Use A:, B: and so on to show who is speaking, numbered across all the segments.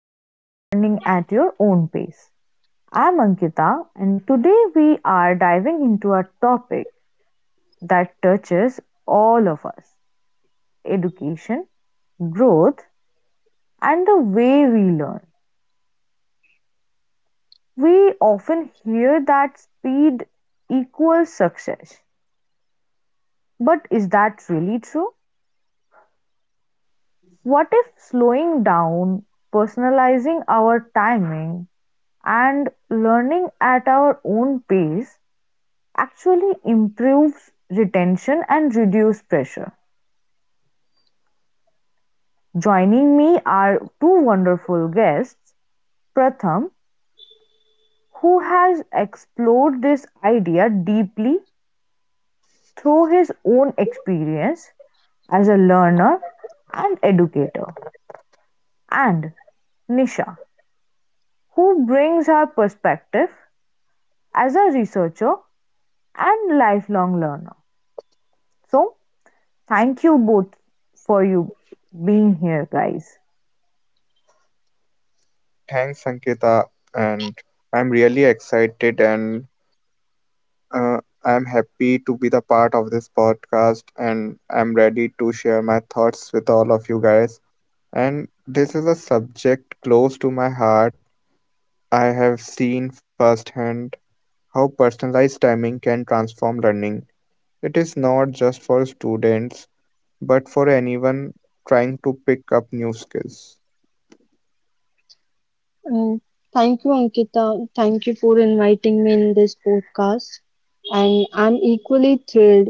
A: back to Learning at Your Own Pace. I'm Ankita, and today we are diving into a topic that touches all of us: education, growth, and the way we learn. We often hear that speed equals success, but is that really true? What if slowing down, personalizing our timing, and learning at our own pace actually improves retention and reduce pressure? Joining me are two wonderful guests. Pratham, who has explored this idea deeply through his own experience as a learner and educator, and Nisha, who brings her perspective as a researcher and lifelong learner. So, thank you both for you being here, guys.
B: Thanks, Sanketa, and I'm really excited and uh, I'm happy to be the part of this podcast, and I'm ready to share my thoughts with all of you guys. And this is a subject close to my heart. I have seen firsthand how personalized timing can transform learning. It is not just for students, but for anyone trying to pick up new skills.
C: Mm, Thank you, Ankita. Thank you for inviting me in this podcast. And I'm equally thrilled.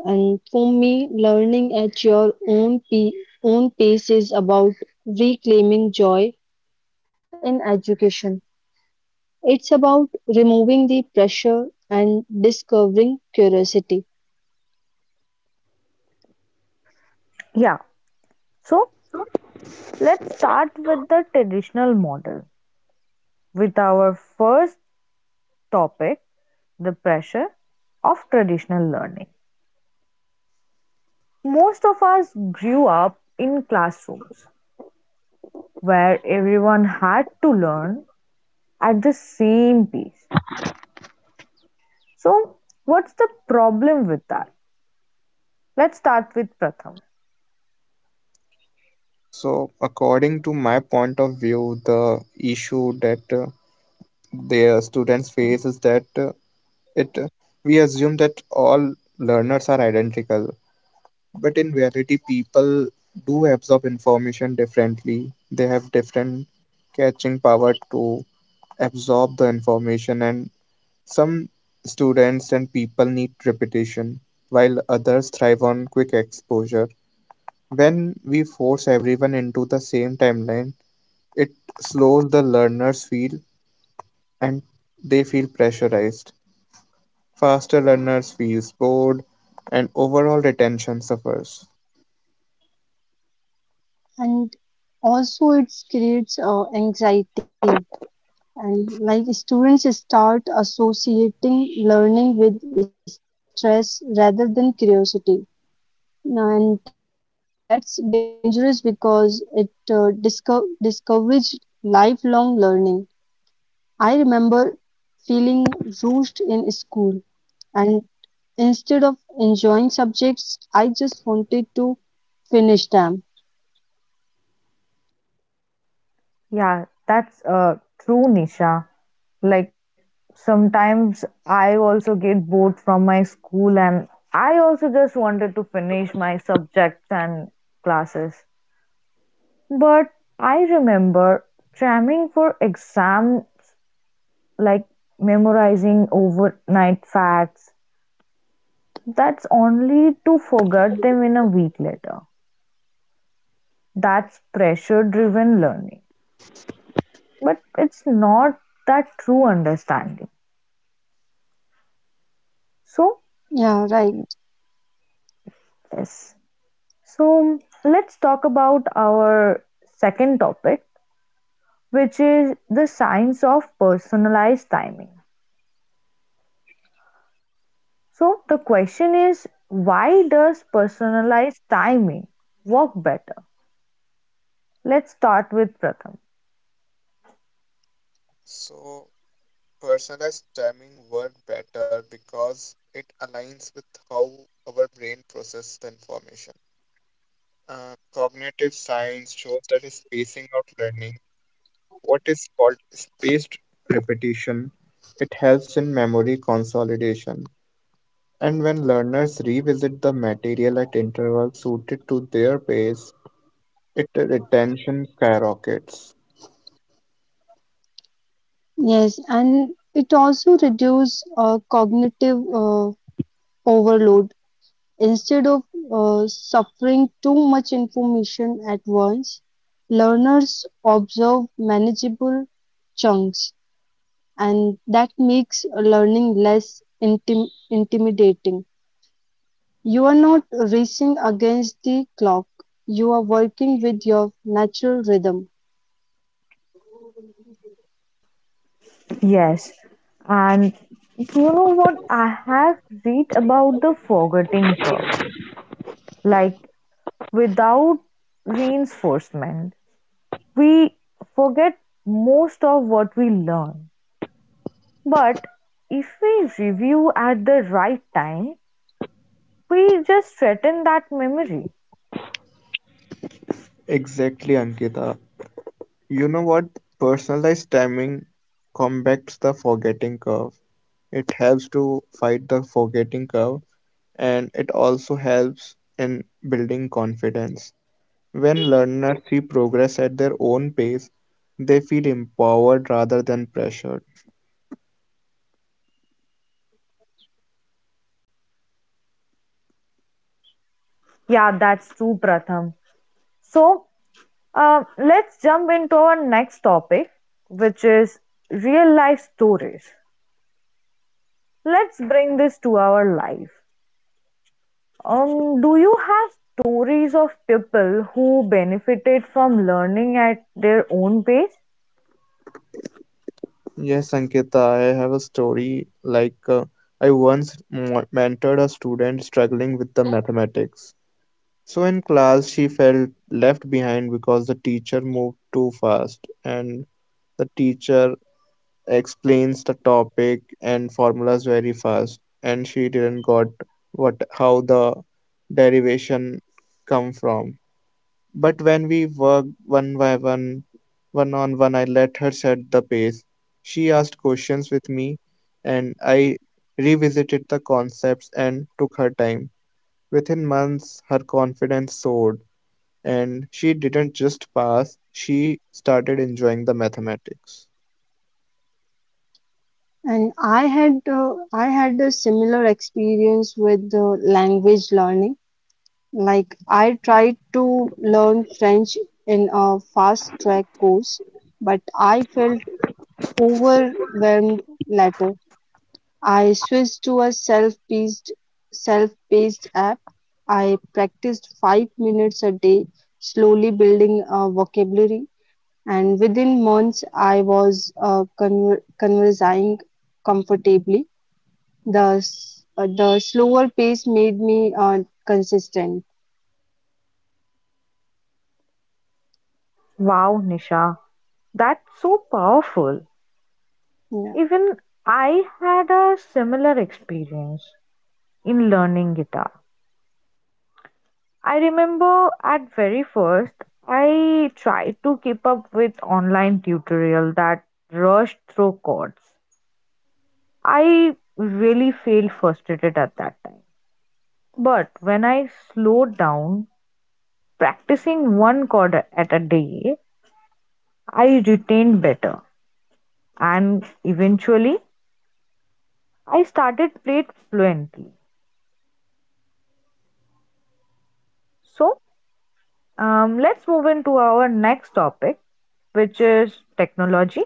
C: And for me, learning at your own pace is about reclaiming joy in education. It's about removing the pressure and discovering curiosity.
A: Yeah. So, let's start with the traditional model, with our first topic, the pressure of traditional learning. Most of us grew up in classrooms where everyone had to learn at the same pace. So, what's the problem with that? Let's start with Pratham.
B: So, according to my point of view, the issue that their students face is that it we assume that all learners are identical, but in reality people do absorb information differently. They have different catching power to absorb the information, and some students and people need repetition while others thrive on quick exposure. When we force everyone into the same timeline, it slows the learners feel, and they feel pressurized. Faster learners feels bored, and overall retention suffers.
C: And also, it creates anxiety, and like students start associating learning with stress rather than curiosity, and that's dangerous because it discourages lifelong learning. I remember feeling rushed in school, and instead of enjoying subjects I just wanted to finish them.
A: Yeah, that's true, Nisha. Like sometimes I also get bored from my school, and I also just wanted to finish my subjects and classes. But I remember cramming for exams, like memorizing overnight facts. That's only to forget them in a week later. That's pressure driven learning. But it's not that true understanding. So,
C: Yeah, right.
A: yes. So, let's talk about our second topic, which is the science of personalized timing. So, the question is, why does personalized timing work better? Let's start with Pratham.
B: So personalized timing worked better because it aligns with how our brain processes the information. Cognitive science shows that is spacing out learning, what is called spaced repetition, it helps in memory consolidation. And when learners revisit the material at intervals suited to their pace, it retention skyrockets.
C: Yes, and it also reduces cognitive overload. Instead of suffering too much information at once, learners observe manageable chunks, and that makes learning less intimidating. You are not racing against the clock, you are working with your natural rhythm.
A: Yes, and you know what? I have read about the forgetting curve. Like, without reinforcement, we forget most of what we learn. But if we review at the right time, we just threaten that memory.
B: Exactly, Ankita. You know what? Personalized timing combats the forgetting curve. It helps to fight the forgetting curve, and it also helps in building confidence. When learners see progress at their own pace, they feel empowered rather than pressured.
A: Yeah, that's true, Pratham. So let's jump into our next topic, which is real life stories. Let's bring this to our life. Do you have stories of people who benefited from learning at their own pace?
B: Yes, Ankita, I have a story like I once mentored a student struggling with the mathematics. So in class, she felt left behind because the teacher moved too fast, and the teacher explains the topic and formulas very fast, and she didn't got what how the derivation come from. But when we worked one on one, I let her set the pace. She asked questions with me, and I revisited the concepts and took her time. Within months, her confidence soared, and she didn't just pass, she started enjoying the mathematics.
C: And I had a similar experience with language learning. Like, I tried to learn French in a fast track course, but I felt overwhelmed later. I switched to a self-paced app. I practiced 5 minutes a day, slowly building a vocabulary, and within months, I was conversing comfortably. The slower pace made me consistent.
A: Wow, Nisha, that's so powerful.
C: Yeah.
A: Even I had a similar experience in learning guitar. I remember at very first I tried to keep up with online tutorial that rushed through chords. I really felt frustrated at that time. But when I slowed down, practicing one chord at a day, I retained better, and eventually I started played fluently. So let's move into our next topic, which is technology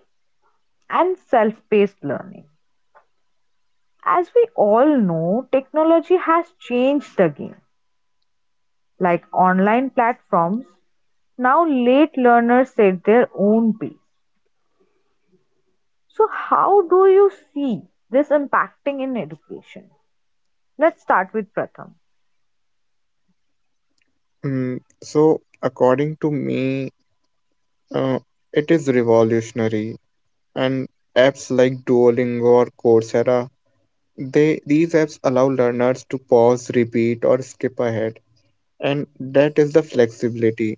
A: and self paced learning. As we all know, technology has changed the game. Like online platforms, now late learners set their own pace. So, how do you see this impacting in education? Let's start with Pratham.
B: Mm, so, according to me, uh, it is revolutionary, and apps like Duolingo or Coursera, they these apps allow learners to pause, repeat, or skip ahead, and that is the flexibility.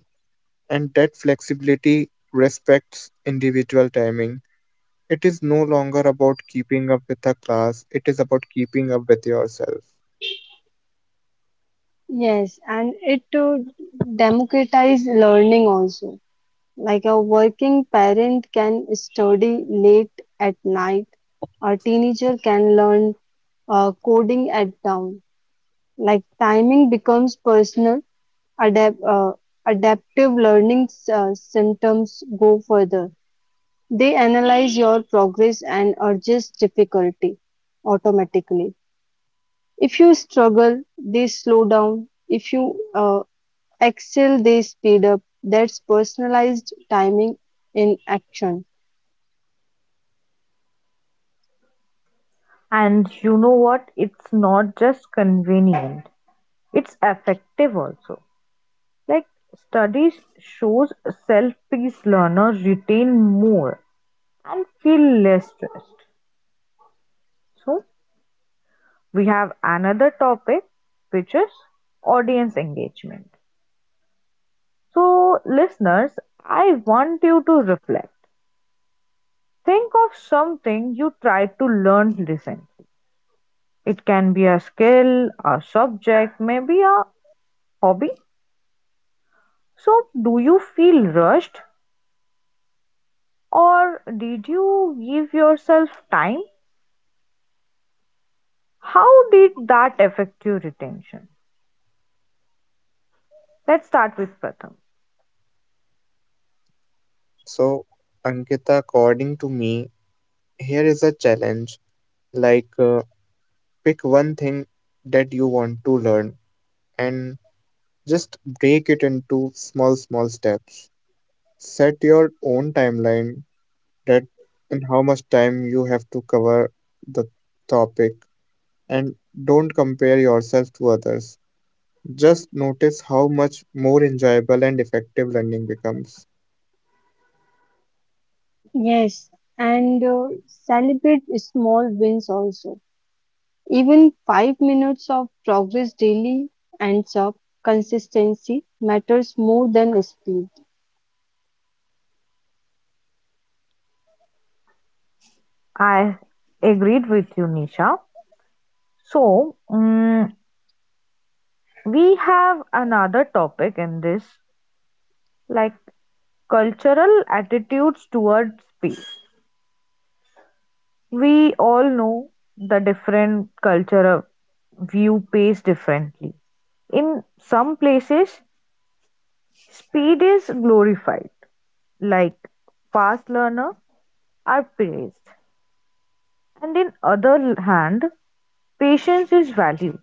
B: And that flexibility respects individual timing. It is no longer about keeping up with a class; it is about keeping up with yourself.
C: Yes, and it to democratize learning also. Like a working parent can study late at night, a teenager can learn coding at dawn. Like timing becomes personal, adapt, uh, adaptive learning symptoms go further. They analyze your progress and adjust difficulty automatically. If you struggle, they slow down. If you Excel, they speed up. That's personalized timing in action.
A: And you know what? It's not just convenient, it's effective also. Like studies shows self-paced learners retain more and feel less stressed. So we have another topic, which is audience engagement. So, listeners, I want you to reflect. Think of something you tried to learn recently. It can be a skill, a subject, maybe a hobby. So, do you feel rushed or did you give yourself time? How did that affect your retention? Let's start with Pratham.
B: So, Ankita, according to me, here is a challenge. Like, pick one thing that you want to learn, and just break it into small, small steps. Set your own timeline that in how much time you have to cover the topic, and don't compare yourself to others. Just notice how much more enjoyable and effective learning becomes.
C: Yes, and celebrate small wins also. Even 5 minutes of progress daily ends up. Consistency matters more than speed.
A: I agreed with you, Nisha. So, mm, we have another topic in this, like cultural attitudes towards space. We all know the different culture view pace differently. In some places, speed is glorified, like fast learner are praised, and in other hand, patience is valued.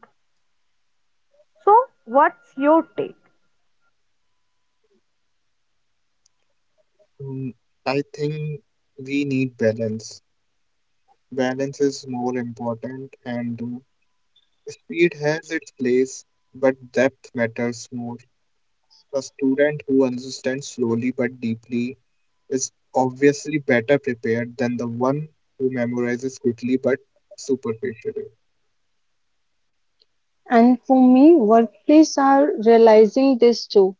A: So, what's your take?
B: Mm, I think we need balance. Balance is more important, and speed has its place, but depth matters more. A student who understands slowly but deeply is obviously better prepared than the one who memorizes quickly but superficially.
C: And for me, workplaces are realizing this too.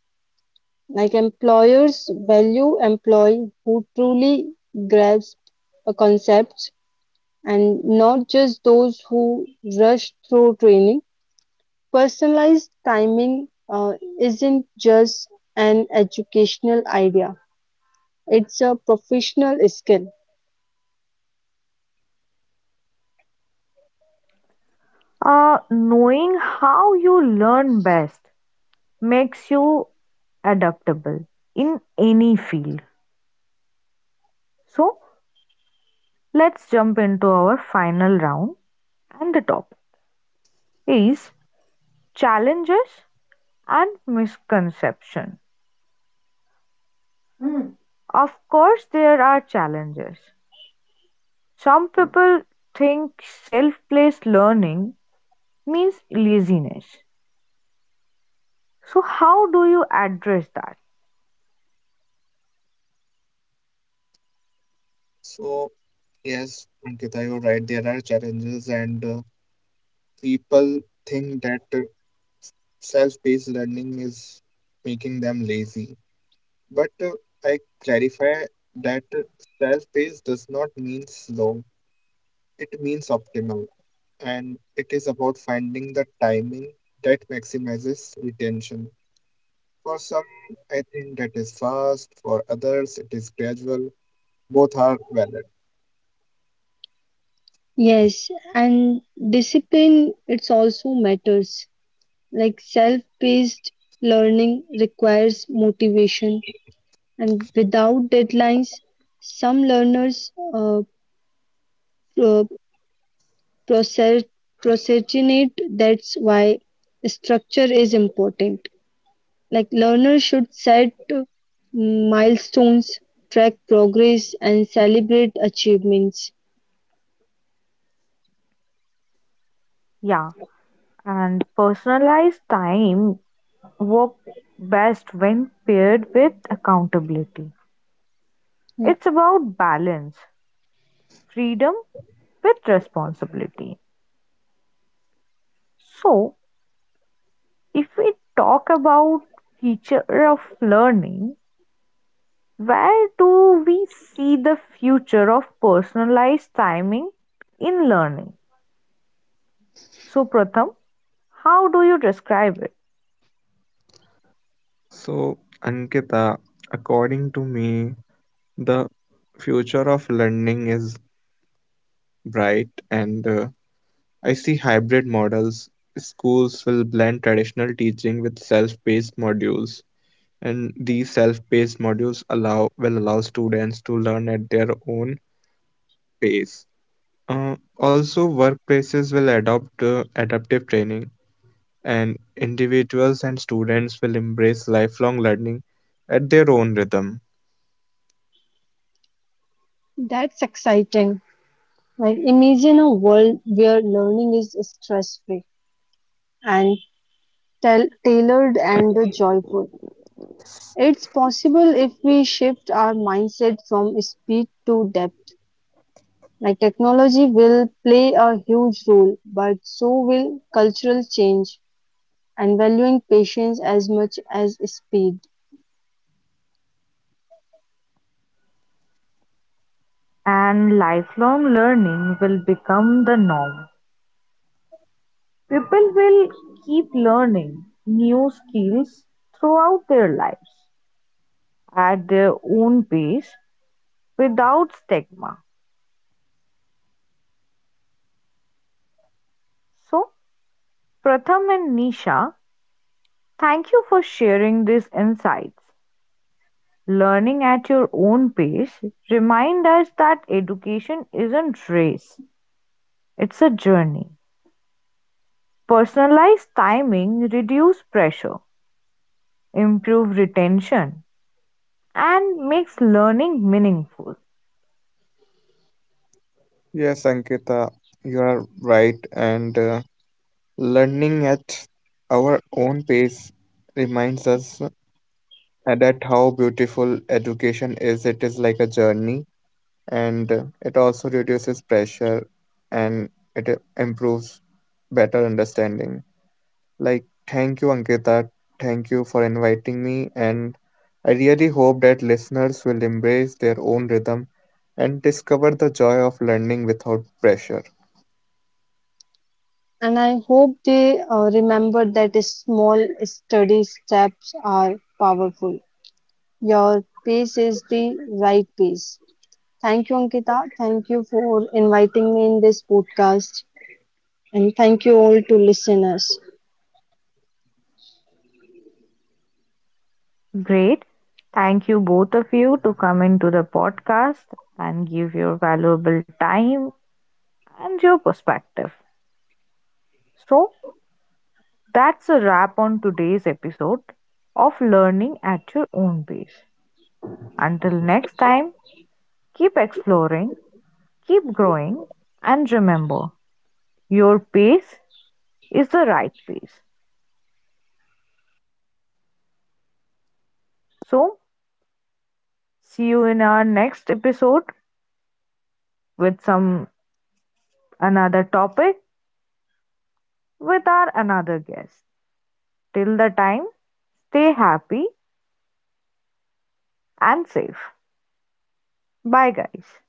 C: Like employers value employee who truly grasp a concept, and not just those who rush through training. Personalized timing isn't just an educational idea, it's a professional skill.
A: Knowing how you learn best makes you adaptable in any field. So let's jump into our final round, and the topic is challenges and misconception. Of course there are challenges. Some people think self-paced learning means laziness. So how do you address that?
B: So, yes, Ankita, you're right. There are challenges, and people think that self paced learning is making them lazy. But I clarify that self pace does not mean slow, it means optimal. And it is about finding the timing that maximizes retention. For some, I think that is fast, for others, it is gradual. Both are valid.
C: Yes, and discipline it's also matters. Like self-paced learning requires motivation, and without deadlines, some learners pro- procer- procrastinate. That's why structure is important. Like learners should set milestones, track progress, and celebrate achievements.
A: Yeah, and personalized time work best when paired with accountability.
C: Yeah.
A: It's about balance, freedom with responsibility. So, if we talk about future of learning, where do we see the future of personalized timing in learning? So, Pratham, how do you describe it?
B: So, Ankita, according to me, the future of learning is bright, and I see hybrid models. Schools will blend traditional teaching with self-paced modules, and these self-paced modules allow will allow students to learn at their own pace. Also, workplaces will adopt adaptive training, and individuals and students will embrace lifelong learning at their own rhythm.
C: That's exciting. Like imagine a world where learning is stress-free and tailored and joyful. It's possible if we shift our mindset from speed to depth. Like technology will play a huge role, but so will cultural change and valuing patience as much as speed.
A: And lifelong learning will become the norm. People will keep learning new skills throughout their lives at their own pace without stigma. So, Pratham and Nisha, thank you for sharing these insights. Learning at your own pace remind us that education isn't race, it's a journey. Personalized timing reduce pressure, improve retention, and makes learning meaningful.
B: Yes, Ankita, you are right, and learning at our own pace reminds us and that how beautiful education is. It is like a journey, and it also reduces pressure, and it improves better understanding. Like, thank you, Ankita, thank you for inviting me, and I really hope that listeners will embrace their own rhythm and discover the joy of learning without pressure.
C: And I hope they remember that small steady steps are powerful. Your piece is the right piece. Thank you, Ankita. Thank you for inviting me in this podcast. And thank you all to listeners.
A: Great. Thank you both of you to come into the podcast and give your valuable time and your perspective. So, that's a wrap on today's episode of Learning at Your Own Pace. Until next time, keep exploring, keep growing, and remember, your pace is the right pace. So, see you in our next episode with some another topic with our another guest. Till the time, stay happy and safe. Bye, guys.